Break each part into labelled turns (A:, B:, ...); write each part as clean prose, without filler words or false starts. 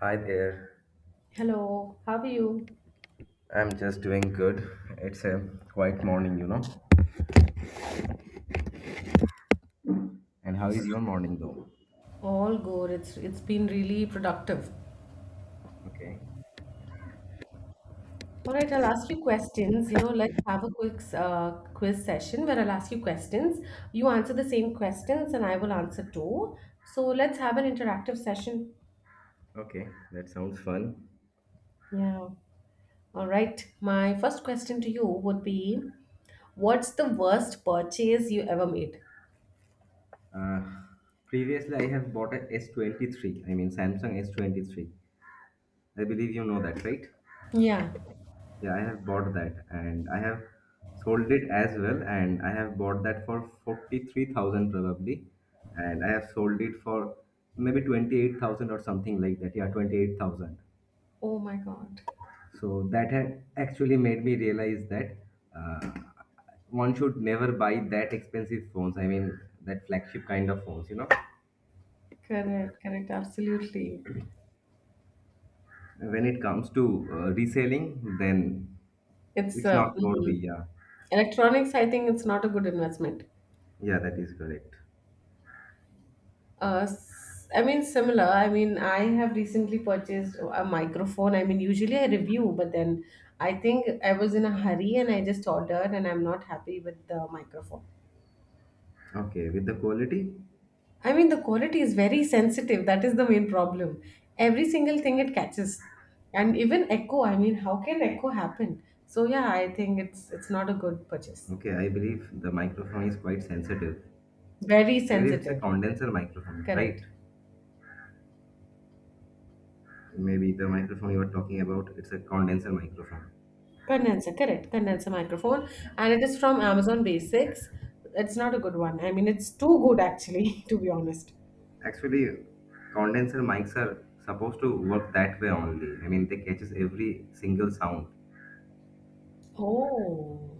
A: Hi there.
B: Hello, how are you?
A: I'm just doing good. It's a quiet morning, you know. And how is your morning though?
B: All good. It's been really productive.
A: Okay.
B: All right, I'll ask you questions. You know, let's have a quick quiz session where I'll ask you questions. You answer the same questions and I will answer too. So let's have an interactive session.
A: Okay, that sounds fun.
B: Yeah. All right. My first question to you would be, what's the worst purchase you ever made?
A: Uh, Previously I have bought a S23. I mean Samsung S23. I believe you know that, right?
B: Yeah.
A: Yeah, I have bought that and I have sold it as well and I have bought that for 43,000 probably, and I have sold it for maybe 28,000 or something like that. Yeah, 28,000.
B: Oh my God.
A: So that had actually made me realize that uh, one should never buy that expensive phones. I mean, that flagship kind of phones, you know.
B: Correct, correct, absolutely.
A: When it comes to reselling, then
B: It's
A: it's not worthy. Yeah,
B: electronics, I think it's not a good investment.
A: yeah, that is correct.
B: Similar. I have recently purchased a microphone. I mean, usually I review, but then I think I was in a hurry and I just ordered, and I'm not happy with the microphone.
A: Okay, with the quality,
B: I mean, the quality is very sensitive. That is the main problem. Every single thing it catches, and even echo. I mean, how can echo happen? So yeah, I think it's not a good purchase.
A: okay, I believe the microphone is quite sensitive.
B: Very
A: I believe it's a
B: sensitive.
A: condenser microphone,
B: Correct.
A: right? Maybe the microphone you are talking about, it's a condenser microphone.
B: Condenser, correct. Condenser microphone,
A: Yeah.
B: and it is from Amazon Basics. It's not a good one. I mean, it's too good actually, to be honest.
A: Actually, condenser mics are supposed to work that way only. I mean, they catches every single sound.
B: Oh,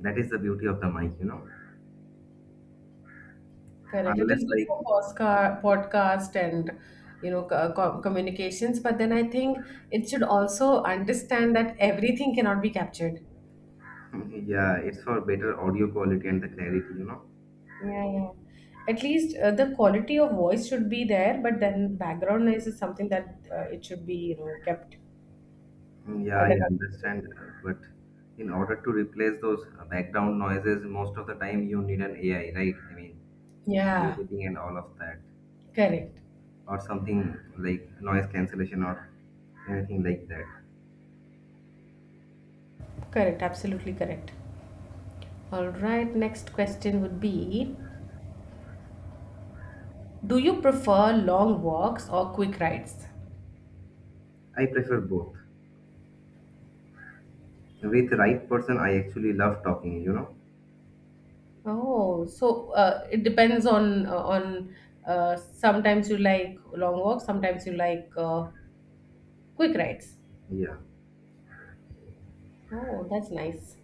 A: That is the beauty of the mic, you know.
B: correct. It
A: Unless
B: is good
A: like,
B: for podcast and you know communications, but then I think it should also understand that everything cannot be captured.
A: yeah, it's for better audio quality and the clarity, you know.
B: Yeah, yeah. At least the quality of voice should be there, but then background noise is something that it should be you know kept
A: Yeah, I
B: under control.
A: understand, but in order to replace those background noises, most of the time you need an AI, right? I mean,
B: Yeah,
A: editing and all of that,
B: correct.
A: or something like noise cancellation or anything like that.
B: Correct, absolutely correct. All right, next question would be, do you prefer long walks or quick rides?
A: I prefer both. With right person, I actually love talking, you know?
B: Oh, so it depends on sometimes you like long walks, sometimes you like quick rides.
A: Yeah,
B: Oh, that's nice.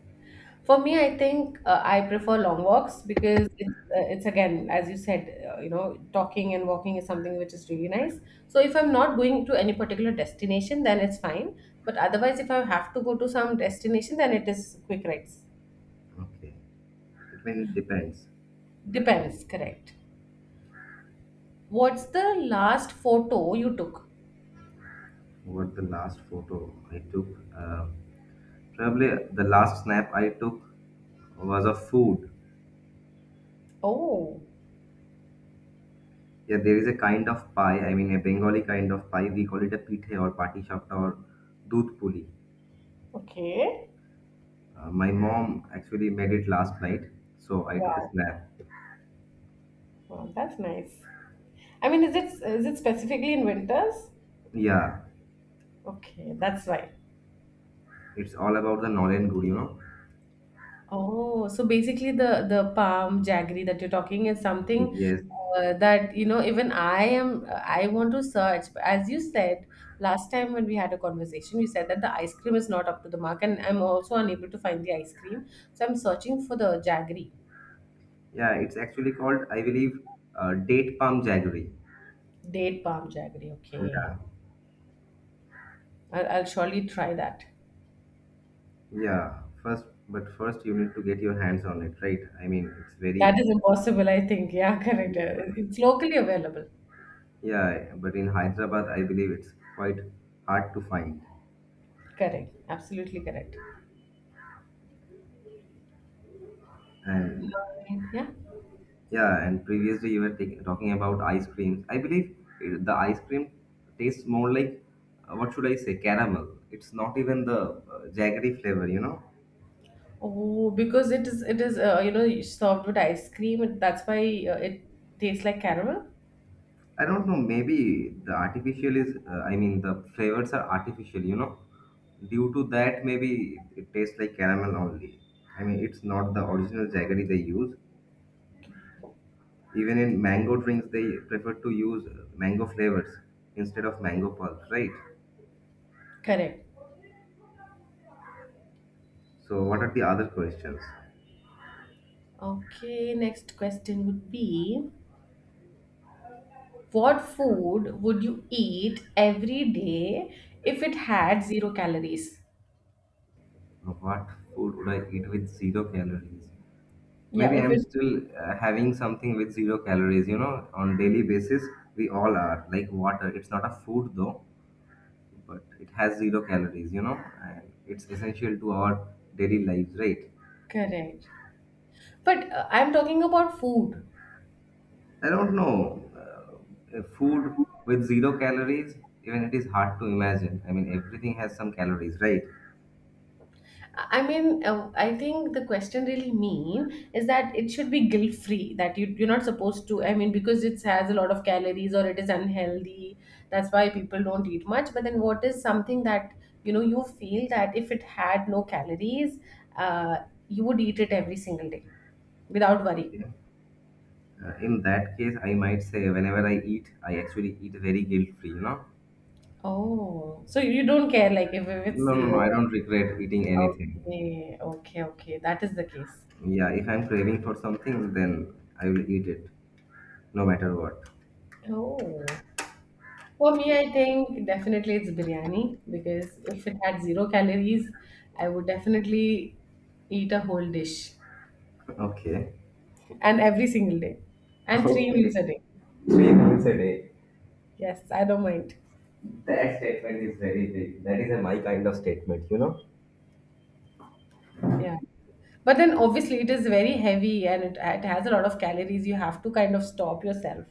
B: For me, I think I prefer long walks because it's again, as you said, you know, talking and walking is something which is really nice. So if I'm not going to any particular destination, then it's fine. But otherwise, if I have to go to some destination, then it is quick rides.
A: okay. It mean it depends.
B: Depends, correct. What's the last photo you took?
A: What the last photo I took. Uh, Probably the last snap I took was of food.
B: Oh,
A: Yeah, there is a kind of pie, I mean a Bengali kind of pie. We call it a pithe or pati chapta or doodh puli.
B: okay.
A: My mom actually made it last night, so I took a
B: Wow.
A: snap.
B: Wow, that's nice. I mean, is it specifically in winters?
A: Yeah,
B: Okay, that's why.
A: it's all about the Nolen good, you know?
B: Oh, so basically the palm jaggery that you're talking is something
A: Yes.
B: that you know even I want to search. But as you said last time when we had a conversation, you said that the ice cream is not up to the mark, and I'm also unable to find the ice cream. So I'm searching for the jaggery,
A: Yeah, it's actually called, I believe, date palm jaggery.
B: date palm jaggery. Okay,
A: Yeah,
B: I'll surely try that.
A: yeah, first, but first you need to get your hands on it, right? I mean, it's
B: That
A: very,
B: is impossible, I think. Yeah, correct.
A: yeah,
B: It's locally available.
A: yeah. But in Hyderabad, I believe it's quite hard to find.
B: Correct. Absolutely correct.
A: And
B: Mine, yeah.
A: yeah, and previously you were talking about ice creams. I believe the ice cream tastes more like, what should I say, caramel. It's not even the jaggery flavor, you know?
B: Oh, because it is you know served with ice cream and that's why it tastes like caramel.
A: I don't know. Maybe the artificial is. I mean, the flavors are artificial. You know, due to that, maybe it tastes like caramel only. I mean, it's not the original jaggery they use.
B: Okay.
A: Even in mango drinks, they prefer to use mango flavors instead of mango pulp, right?
B: Correct.
A: So, what are the other questions?
B: Okay, next question would be, what food would you eat every day if it had zero calories?
A: What food would I eat with zero calories?
B: Yeah,
A: Maybe
B: if
A: I'm
B: it
A: still having something with zero calories. You know, on daily basis, we all are like water. It's not a food though, but it has zero calories, you know, and it's essential to our daily lives, right?
B: correct. But I'm talking about food.
A: I don't know. Food with zero calories, even it is hard to imagine. I mean, everything has some calories, right?
B: I think the question really mean is that it should be guilt free. That you're not supposed to. I mean, because it has a lot of calories or it is unhealthy. That's why people don't eat much. But then, what is something that you know you feel that if it had no calories, uh, you would eat it every single day without worry.
A: You know, in that case, I might say whenever I eat, I actually eat very guilt free, you know.
B: Oh, so you don't care like if it's
A: No, no, no,
B: zero.
A: I don't regret eating anything.
B: Okay, okay, okay. That is the case.
A: Yeah, if I'm craving for something, then I will eat it, no matter what.
B: Oh. For me, I think definitely it's biryani because if it had zero calories, I would definitely eat a whole dish
A: Okay.
B: and every single day and three
A: Okay,
B: meals a day.
A: three meals a day.
B: Yes, I don't mind.
A: That statement is very big. That is a my kind of statement, you know.
B: Yeah. But then obviously it is very heavy and it has a lot of calories. You have to kind of stop yourself.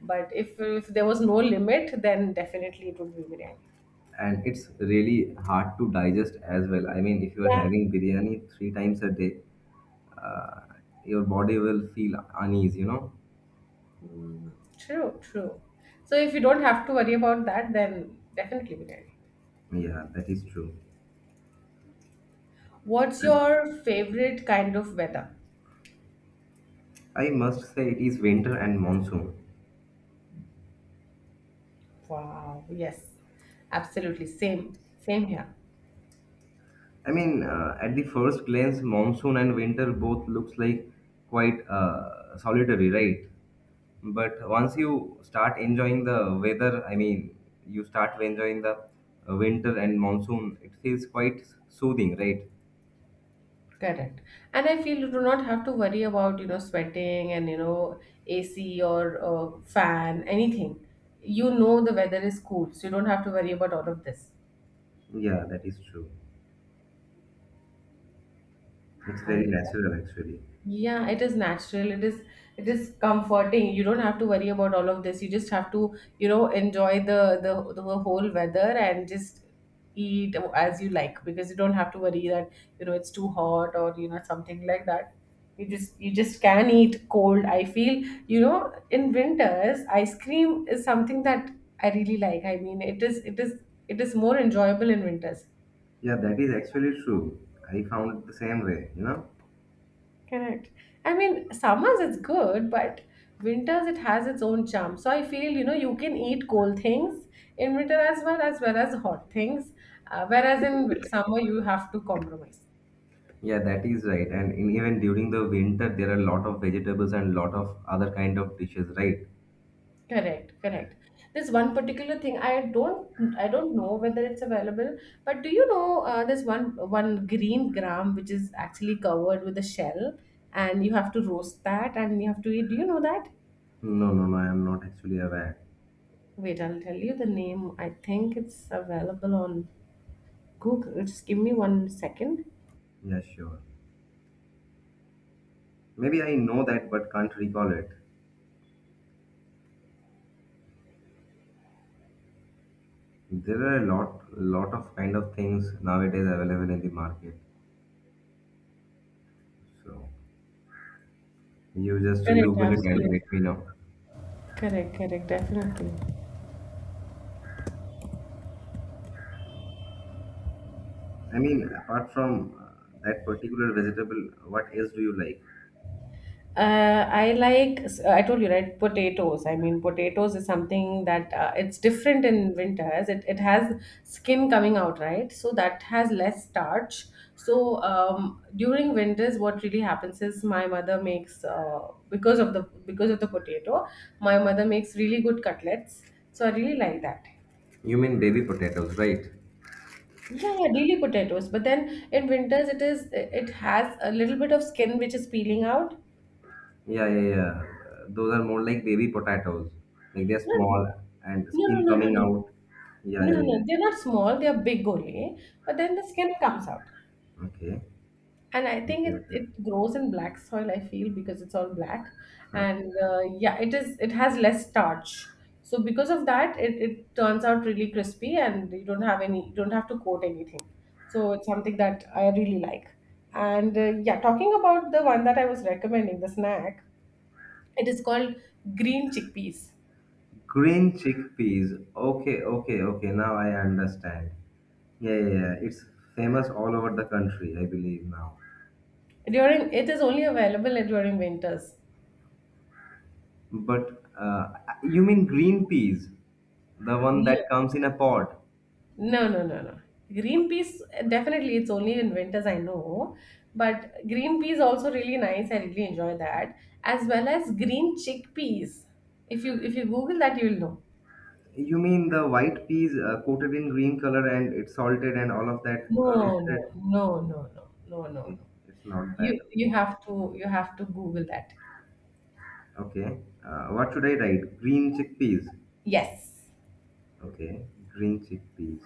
B: But if there was no limit, then definitely it would be biryani.
A: And it's really hard to digest as well. I mean, if you're
B: Yeah,
A: having biryani three times a day, uh, your body will feel uneasy, you know.
B: true, true. So if you don't have to worry about that, then definitely biryani.
A: Yeah, that is true.
B: What's
A: And
B: your favorite kind of weather?
A: I must say, it is winter and monsoon.
B: Wow, yes, absolutely. Same, same here.
A: I mean, at the first glance, monsoon and winter both looks like quite solitary, right? But once you start enjoying the weather, I mean, you start enjoying the winter and monsoon, it feels quite soothing, right?
B: Correct. And I feel you do not have to worry about, you know, sweating and, you know, AC or fan, anything. You know the weather is cool, so you don't have to worry about all of this.
A: Yeah, that is true. It's very
B: All
A: natural, actually.
B: yeah, it is natural. It is comforting. You don't have to worry about all of this. You just have to, you know, enjoy the whole weather and just eat as you like because you don't have to worry that, you know, it's too hot or you know something like that. You just can eat cold. I feel, you know, in winters, ice cream is something that I really like. I mean, it is more enjoyable in winters.
A: Yeah, that is actually true. I found it the same way, you know?
B: Correct. I mean, summers it's good, but winters it has its own charm. So I feel you know you can eat cold things in winter as well as well as hot things, whereas in summer you have to compromise.
A: Yeah, that is right. And in, even during the winter, there are a lot of vegetables and lot of other kind of dishes, right?
B: Correct. Correct. This one particular thing I don't know whether it's available, but do you know this one one green gram which is actually covered with a shell, and you have to roast that and you have to eat. Do you know that?
A: No, no, no, I am not actually aware.
B: Wait, I'll tell you the name. I think it's available on Google, just give me one second.
A: Yeah, sure. Maybe I know that but can't recall it. There are a lot of kind of things nowadays available in the market. So you just
B: Correct,
A: Google it and
B: absolutely.
A: let me know.
B: Correct, correct, definitely.
A: I mean, apart from that particular vegetable, what else do you like?
B: I told you, right? Potatoes. I mean, potatoes is something that it's different in winters. It has skin coming out, right? So that has less starch. So during winters, what really happens is my mother makes because of the potato, my mother makes really good cutlets. So I really like that.
A: You mean baby potatoes, right?
B: Yeah, yeah, daily potatoes. But then in winters, it has a little bit of skin which is peeling out.
A: Yeah, yeah, yeah. Those are more like baby potatoes. Like they're
B: No, no,
A: small and
B: no,
A: skin
B: no, no,
A: coming
B: no,
A: out. Yeah,
B: no.
A: yeah,
B: no, they're
A: yeah.
B: not small. They are big only. But then the skin comes out.
A: Okay.
B: And I think
A: Okay, okay.
B: it grows in black soil, I feel, because it's all black. And yeah, it has less starch. So because of that, it turns out really crispy and you don't have any you don't have to coat anything. So it's something that I really like. And yeah, talking about the one that I was recommending, the snack, it is called green chickpeas.
A: Green chickpeas. Okay, okay, okay. Now I understand. Yeah, yeah, yeah. It's famous all over the country, I believe now.
B: During it is only available during winters.
A: But you mean green peas, the one
B: No.
A: that comes in a pod?
B: No, no, no, no. Green peas, definitely, it's only in winters, I know. But green peas also really nice. I really enjoy that. As well as green chickpeas. If you Google that, you'll know.
A: You mean the white peas coated in green color, and it's salted and all of that
B: No, no,
A: roasted?
B: no, no, no, no, no,
A: Okay,
B: no.
A: it's not that. Okay,
B: You have to Google that.
A: okay. What should I write? Green chickpeas.
B: Yes.
A: Okay, green chickpeas.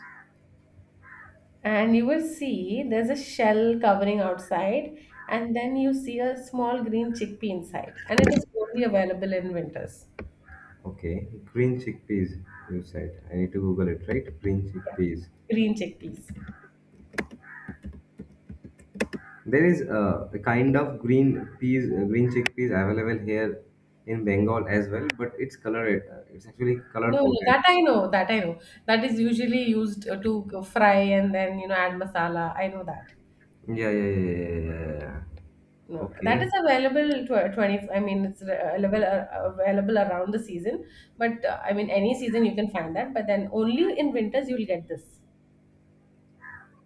B: And you will see there's a shell covering outside, and then you see a small green chickpea inside. And it is only available in winters.
A: Okay, green chickpeas, you said. I need to Google it, right? Green
B: Yeah.
A: chickpeas.
B: Green chickpeas.
A: There is a kind of green peas, green chickpeas available here in Bengal as well, but it's colored. It's actually color
B: No, no,
A: coded.
B: that I know, that I know. That is usually used to fry and then, you know, add masala. I know that.
A: Yeah, yeah, yeah, yeah, yeah, yeah, yeah.
B: No, that is
A: Okay,
B: available tw 20, I mean, it's available around the season. But I mean, any season you can find that. But then only in winters you'll get this.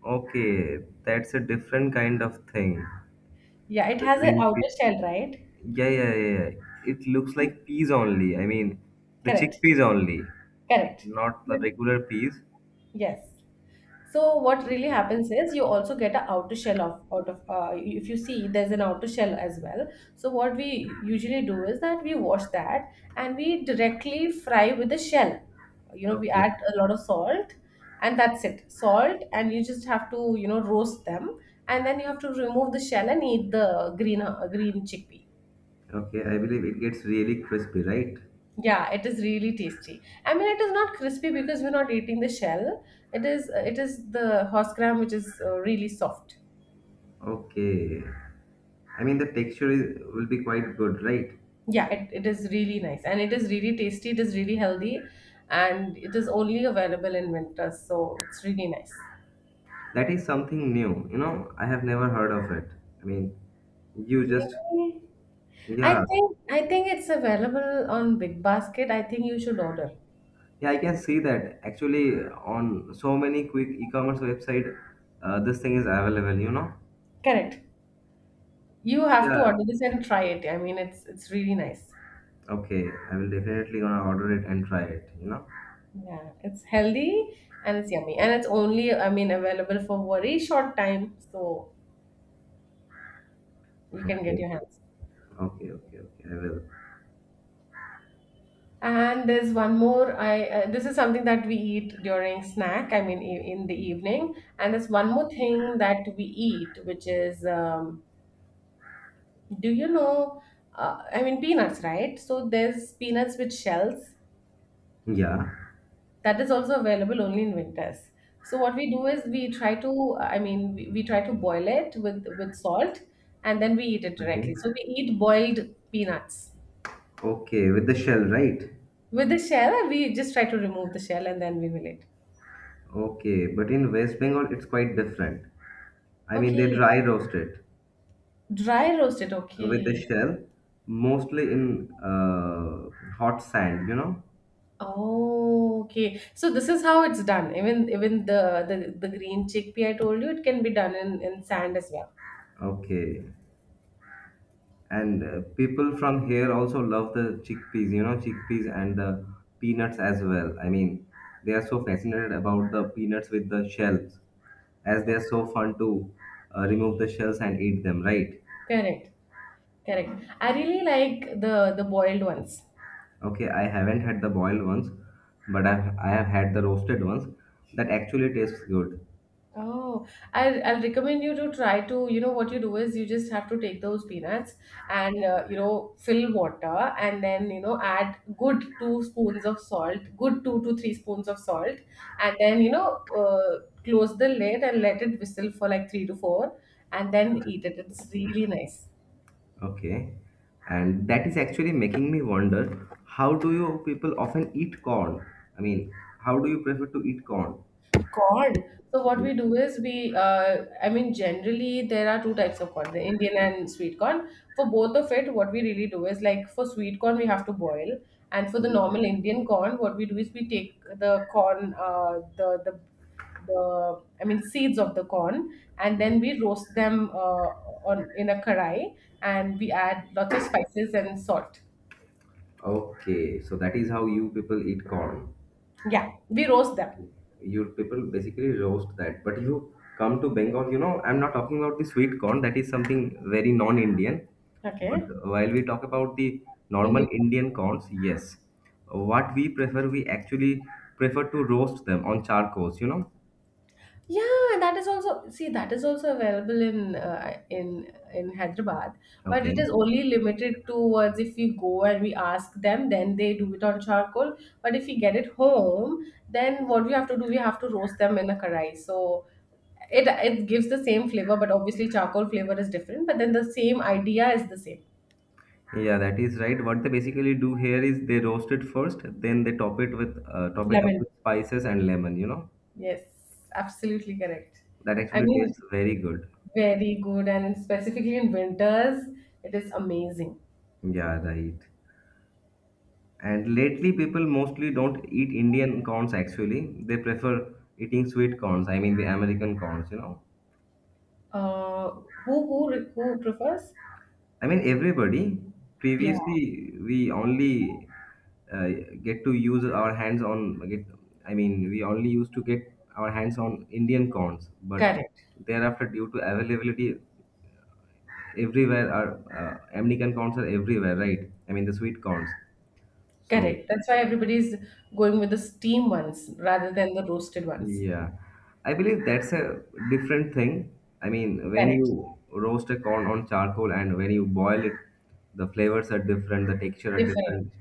A: okay, that's a different kind of thing.
B: Yeah, it
A: The
B: has an
A: green
B: outer
A: peas.
B: shell, right?
A: Yeah, yeah, yeah, yeah. It looks like peas only. I mean, the
B: Correct,
A: chickpeas only,
B: correct.
A: not the
B: But
A: regular peas.
B: yes. So what really happens is you also get an outer shell of out of if you see there's an outer shell as well. So what we usually do is that we wash that and we directly fry with the shell. You know, we
A: Okay.
B: add a lot of salt and that's it. Salt and you just have to you know roast them and then you have to remove the shell and eat the green green chickpea.
A: Okay, I believe it gets really crispy, right?
B: Yeah, it is really tasty. I mean, it is not crispy because we're not eating the shell. It is the horse gram which is really soft.
A: Okay. I mean, the texture is, will be quite good, right?
B: Yeah, it is really nice and it is really tasty. It is really healthy and it is only available in winters. So it's really nice.
A: That is something new. You know, I have never heard of it. I mean, you just,
B: Really?
A: yeah.
B: I think it's available on Big Basket. I think you should order.
A: Yeah, I can see that. Actually, on so many quick e-commerce website, this thing is available, you know?
B: Correct. You have to
A: Yeah.
B: order this and try it. I mean, it's really nice.
A: Okay, I will definitely gonna order it and try it, you know?
B: Yeah, it's healthy and it's yummy and it's only I mean available for very short time. So you can get
A: Okay.
B: your hands.
A: Okay, okay, okay. I will.
B: And there's one more. I This is something that we eat during snack. I mean, in the evening. And there's one more thing that we eat, which is, do you know? I mean, peanuts, right? So there's peanuts with shells.
A: Yeah.
B: That is also available only in winters. So what we do is we try to, we try to boil it with salt, and then we eat it
A: Okay.
B: directly. So we eat boiled peanuts
A: Okay, with the shell, right?
B: with the shell, and we just try to remove the shell, and then we will eat.
A: Okay, but in West Bengal it's quite different. I mean, they
B: Okay.
A: dry roast it
B: Dry roasted,
A: with the
B: okay.
A: shell, mostly in hot sand, you know.
B: Oh, okay. So this is how it's done. Even the green chickpea I told you, it can be done in sand as well.
A: Okay, and people from here also love the chickpeas, you know, chickpeas and the peanuts as well. I mean, they are so fascinated about the peanuts with the shells, as they
B: Oh,
A: are so fun to remove the shells and eat them, right?
B: correct. Correct. I really like the boiled ones.
A: Okay, I haven't had the boiled ones, but I have had the roasted ones that actually tastes good.
B: Oh, I'll recommend you to try to. What you do is you just have to take those peanuts and, fill water and then add good two spoons of salt, good two to three spoons of salt, and then close the lid and let it whistle for like three to four and then eat it. It's really nice.
A: Okay, and that is actually making me wonder, how do you people often eat corn? I mean, how do you prefer to eat corn?
B: Corn. So what
A: Yes.
B: we do is generally there are two types of corn, the Indian and sweet corn. For both of it, what we really do is like for sweet corn we have to boil, and for the normal Indian corn, what we do is we take the corn, the seeds of the corn, and then we roast them on in a karai, and we add lots of spices and salt.
A: Okay, so that is how you people eat corn.
B: Yeah, we roast them.
A: You people basically roast that. But you come to Bengal, you know, I'm not talking about the sweet corn, that is something very non Indian. But
B: Okay.
A: while we talk about the
B: Indian.
A: normal Indian corns, yes. What we prefer, we actually prefer to roast them on charcoals, you know.
B: Yeah, that is also see that is also available in in in Hyderabad, but it
A: Okay.
B: is only limited towards if we go and we ask them, then they do it on charcoal. But if we get it home, then what we have to do, we have to roast them in a karai. So it gives the same flavor, but obviously charcoal flavor is different. But then the same idea is the same.
A: Yeah, that is right. What they basically do here is they roast it first, then they top it up
B: Lemon.
A: with spices and lemon, you know.
B: Yes, absolutely correct.
A: That
B: I
A: actually
B: mean,
A: tastes very good.
B: very good, and specifically in winters, it is amazing.
A: Yeah, right. And lately, people mostly don't eat Indian corns actually. They prefer eating sweet corns. I mean, the American corns, you know.
B: Uh, who who who prefers?
A: I mean, everybody.
B: Yeah,
A: Previously, we only uh, get to use our hands on, get, I mean, we only used to get our hands on Indian corns. But
B: correct,
A: thereafter, due to availability everywhere, are American corns are everywhere, right? I mean, the sweet corns. So,
B: correct. That's why everybody is going with the steam ones rather than the roasted ones.
A: yeah, I believe that's a different thing. I mean, when
B: Correct,
A: you roast a corn on charcoal and when you boil it, the flavors are different, the texture are
B: different,
A: different.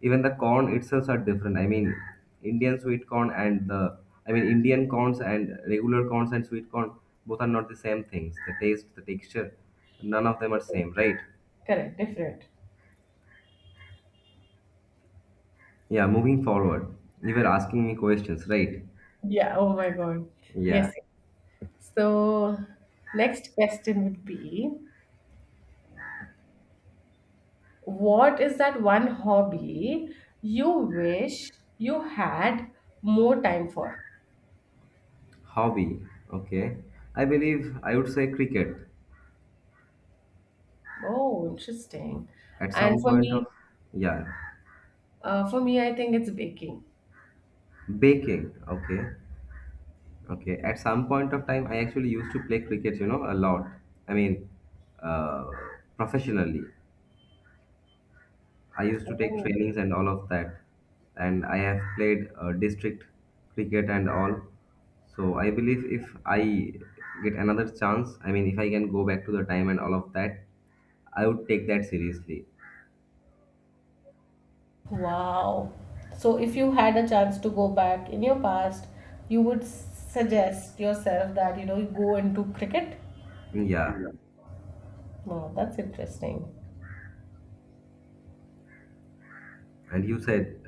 A: Even the corn itself are different. I mean, Indian sweet corn and the, I mean, Indian corns and regular corns and sweet corn, both are not the same things. The taste, the texture, none of them are
B: different.
A: same, right?
B: Correct, different.
A: Yeah, moving forward, you were asking me questions, right?
B: Yeah. Oh my God.
A: Yeah,
B: Yes. So next question would be, what is that one hobby you wish you had more time for?
A: hobby. Okay, I believe I would say cricket.
B: Oh, interesting.
A: At
B: And
A: some
B: for
A: point of
B: me,
A: yeah,
B: I think it's baking.
A: baking. Okay, okay. At some point of time, I actually used to play cricket. You know, a lot. I mean, uh, professionally. I used to take
B: Oh.
A: trainings and all of that, and I have played district cricket and all. So I believe if I get another chance, I mean, if I can go back to the time and all of that, I would take that seriously.
B: Wow. So, if you had a chance to go back in your past, you would suggest yourself that you know you go into cricket?
A: Yeah,
B: Wow, that's interesting.
A: and you said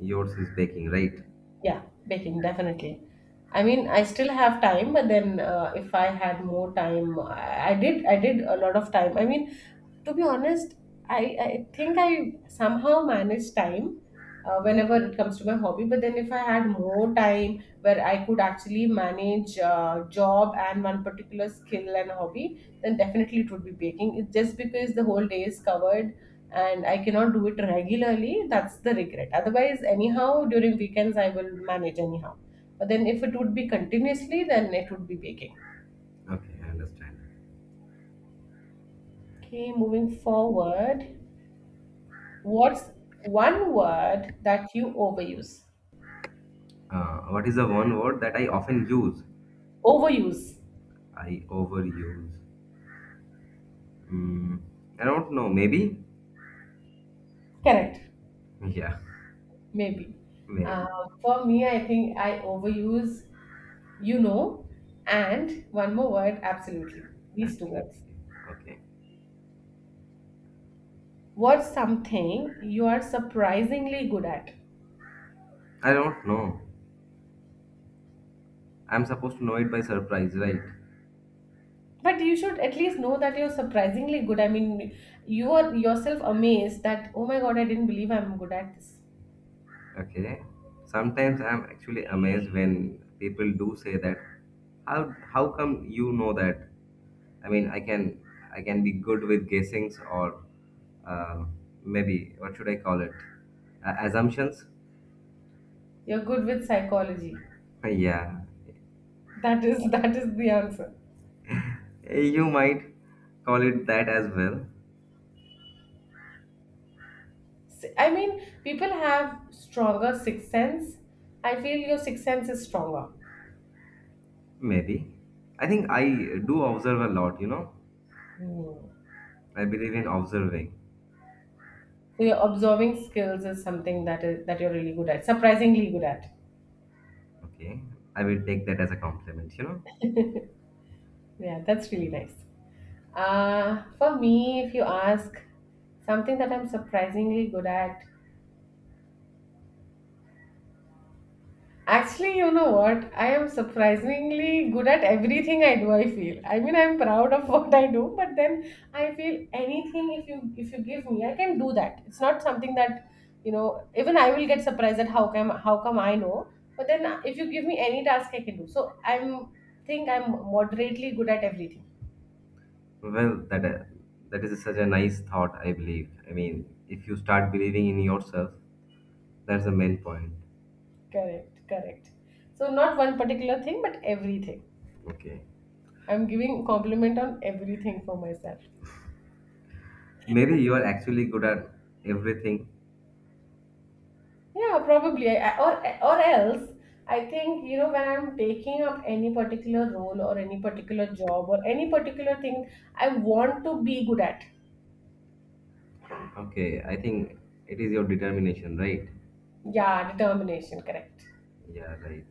A: yours is baking, right?
B: Yeah, baking, definitely. I mean, I still have time, but then if I had more time, I did a lot of time. I mean, to be honest, I think I somehow manage time whenever it comes to my hobby. But then if I had more time where I could actually manage job and one particular skill and hobby, then definitely it would be baking. It's just because the whole day is covered and I cannot do it regularly, that's the regret. Otherwise, anyhow, during weekends, I will manage anyhow. But then, if it would be continuously, then it would be baking.
A: Okay, I understand.
B: Okay, moving forward, what's one word that you overuse?
A: What is the one word that I often use?
B: Overuse,
A: I overuse. Mm, I don't know. Maybe?
B: correct,
A: Yeah,
B: maybe. Uh,
A: maybe.
B: for me, I think I overuse, you know, and one more word, absolutely. These two
A: Absolutely.
B: words.
A: Okay.
B: What's something you are surprisingly good at?
A: I don't know. I'm supposed to know it by surprise, right?
B: But you should at least know that you're surprisingly good. I mean, you are yourself amazed that, oh my God, I didn't believe I'm good at this.
A: Okay. Sometimes I'm actually amazed when people do say that. How come you know that? I mean, I can be good with guessings or uh, maybe what should I call it? Assumptions.
B: You're good with psychology.
A: Yeah.
B: That is that is the answer.
A: You might call it that as well,
B: I mean, people have stronger sixth sense. I feel your sixth sense is stronger.
A: maybe. I think I do observe a lot, you know.
B: Hmm.
A: I believe in observing.
B: So your observing skills is something that you're really good at, surprisingly good at.
A: Okay, I will take that as a compliment, you know.
B: Yeah, that's really nice. For me, if you ask something that I'm surprisingly good at, actually, you know what? I am surprisingly good at everything I do, I feel. I mean, I'm proud of what I do, but then I feel anything if you give me, I can do that. It's not something that, you know, even I will get surprised at how come I know, but then if you give me any task I can do. So I'm think I'm moderately good at everything.
A: Well, that that is such a nice thought, I believe. I mean, if you start believing in yourself, that's the main point.
B: Correct, correct. So not one particular thing, but everything.
A: Okay,
B: I'm giving compliment on everything for myself.
A: maybe you are actually good at everything.
B: Yeah, probably. Or else, I think, you know, when I'm taking up any particular role or any particular job or any particular thing I want to be good at.
A: Okay, I think it is your determination, right?
B: Yeah, determination, correct.
A: Yeah, right.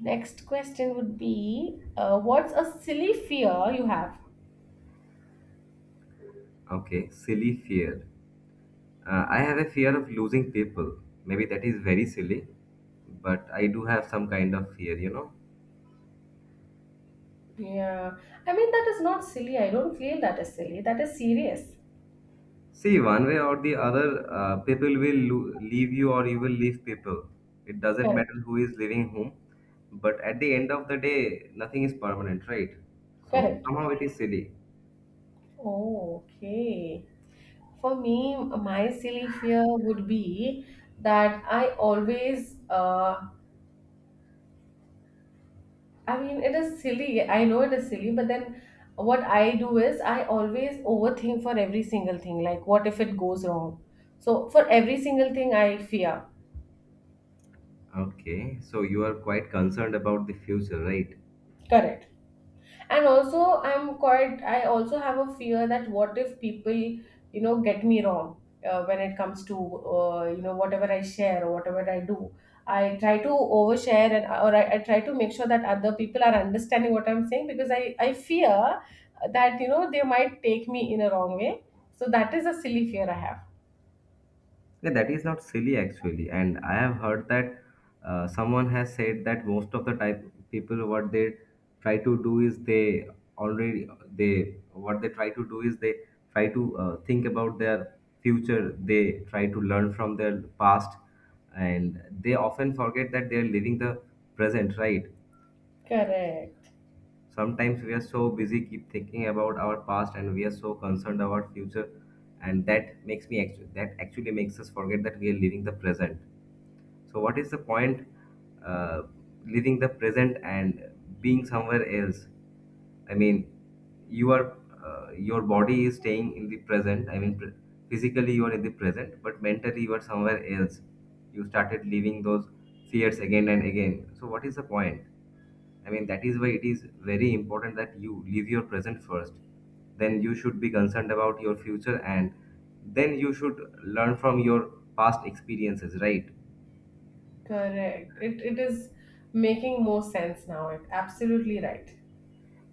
B: Next question would be, what's a silly fear you have?
A: Okay, silly fear. I have a fear of losing people. Maybe that is very silly, but I do have some kind of fear, you know.
B: Yeah, I mean, that is not silly. I don't feel that is silly. That is serious.
A: See, one way or the other, people will leave you or you will leave people. It doesn't
B: Correct,
A: matter who is leaving whom, but at the end of the day, nothing is permanent, right? So
B: correct.
A: somehow it is silly.
B: Oh, okay. For me, my silly fear would be that I always I mean, it is silly. I know it is silly, but then what I do is I always overthink for every single thing. Like, what if it goes wrong? So, for every single thing, I fear.
A: Okay, so you are quite concerned about the future, right?
B: Correct. And also I also have a fear that what if people get me wrong when it comes to whatever I share or whatever I do. I try to overshare and or I try to make sure that other people are understanding what I'm saying because I fear that they might take me in a wrong way, so that is a silly fear I have.
A: Yeah, that is not silly actually. And I have heard that someone has said that most of the time people what they try to do is they already they what they try to do is they try to think about their future. They try to learn from their past, and they often forget that they are living the present. Right?
B: Correct.
A: Sometimes we are so busy keep thinking about our past, and we are so concerned about future, and that actually makes us forget that we are living the present, so, what is the point uh, living the present and being somewhere else? I mean, you are your body is staying in the present. I mean, physically you are in the present, but mentally you are somewhere else. You started living those fears again and again. So, what is the point? I mean, that is why it is very important that you live your present first. Then you should be concerned about your future and then you should learn from your past experiences, right?
B: Correct. It is making more sense now. Absolutely right.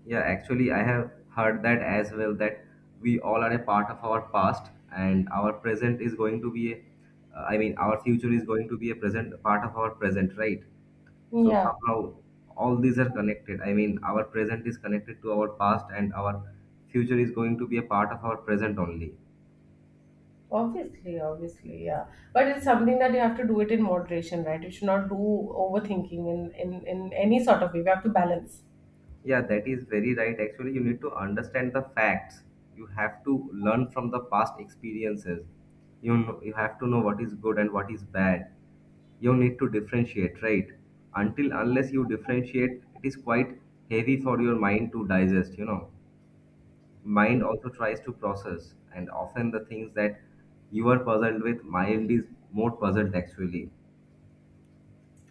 A: Yeah, actually, I have heard that as well that we all are a part of our past, and our present is going to be our future is going to be a present part of our present, right? So
B: Yeah.
A: somehow all these are connected. I mean, our present is connected to our past, and our future is going to be a part of our present only.
B: Obviously, obviously, yeah. But it's something that you have to do it in moderation, right? You should not do overthinking in any sort of way. We have to balance.
A: Yeah, that is very right. Actually, you need to understand the facts. You have to learn from the past experiences. You know, you have to know what is good and what is bad, you need to differentiate, right? Until unless you differentiate, it is quite heavy for your mind to digest, you know, mind also tries to process and often the things that you are puzzled with, mind is more puzzled actually.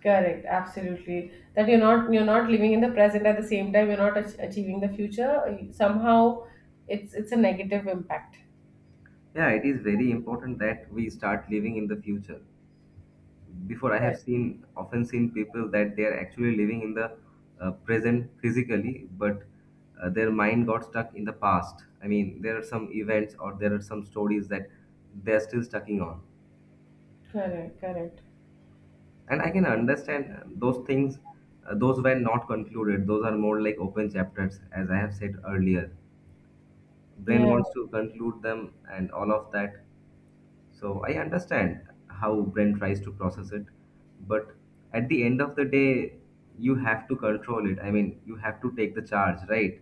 B: Correct, absolutely. That you're not living in the present, at the same time you're not achieving the future. Somehow, it's a negative impact.
A: Yeah, it is very important that we start living in the future. Before I have
B: Correct,
A: seen, often seen people that they are actually living in the present physically but their mind got stuck in the past. I mean, there are some events or there are some stories that they're still stucking on.
B: correct, correct.
A: And I can understand those things, those were not concluded, those are more like open chapters as I have said earlier. Brain
B: Yeah.
A: wants to conclude them and all of that. So I understand how brain tries to process it, but at the end of the day, you have to control it. I mean, you have to take the charge, right?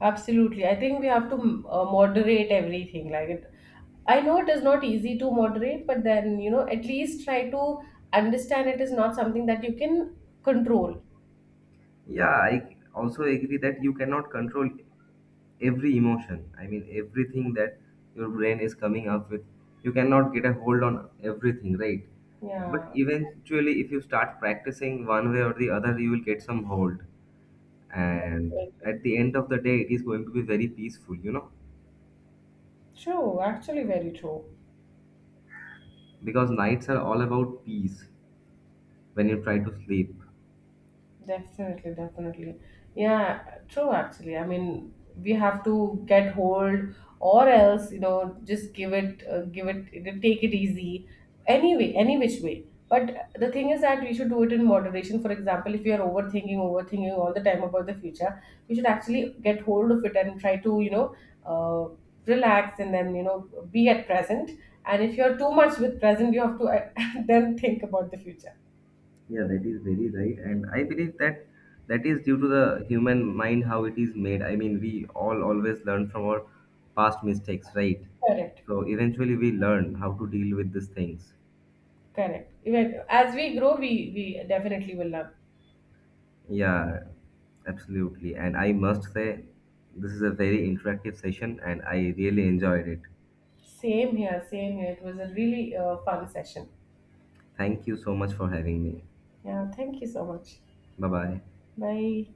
B: Absolutely. I think we have to moderate everything. Like it, I know it is not easy to moderate, but then, you know, at least try to understand it is not something that you can control.
A: Yeah, I also agree that you cannot control every emotion. I mean, everything that your brain is coming up with, you cannot get a hold on everything, right? But
B: Yeah.
A: eventually, if you start practicing one way or the other, you will get some hold.
B: That's
A: And
B: very true.
A: at the end of the day, it is going to be very peaceful, you know?
B: True, actually very true.
A: Because nights are all about peace when you try to sleep.
B: Definitely, definitely. Yeah, true actually. I mean, we have to get hold or else, you know, just give it give it, take it easy anyway, any which way. But the thing is that we should do it in moderation. For example, if we are overthinking, overthinking all the time about the future, we should actually get hold of it and try to, uh, relax and then be at present. And if you're too much with present, you have to then think about the future.
A: Yeah, that is very right, and I believe that that is due to the human mind how it is made. I mean, we all always learn from our past mistakes, right?
B: Correct.
A: So eventually we learn how to deal with these things.
B: Correct. Even as we grow, we definitely will learn.
A: Yeah, absolutely. And I must say this is a very interactive session and I really enjoyed it.
B: Same here, same here. It was a really fun session.
A: Thank you so much for having me.
B: Yeah, thank you so much.
A: Bye bye.
B: Bye.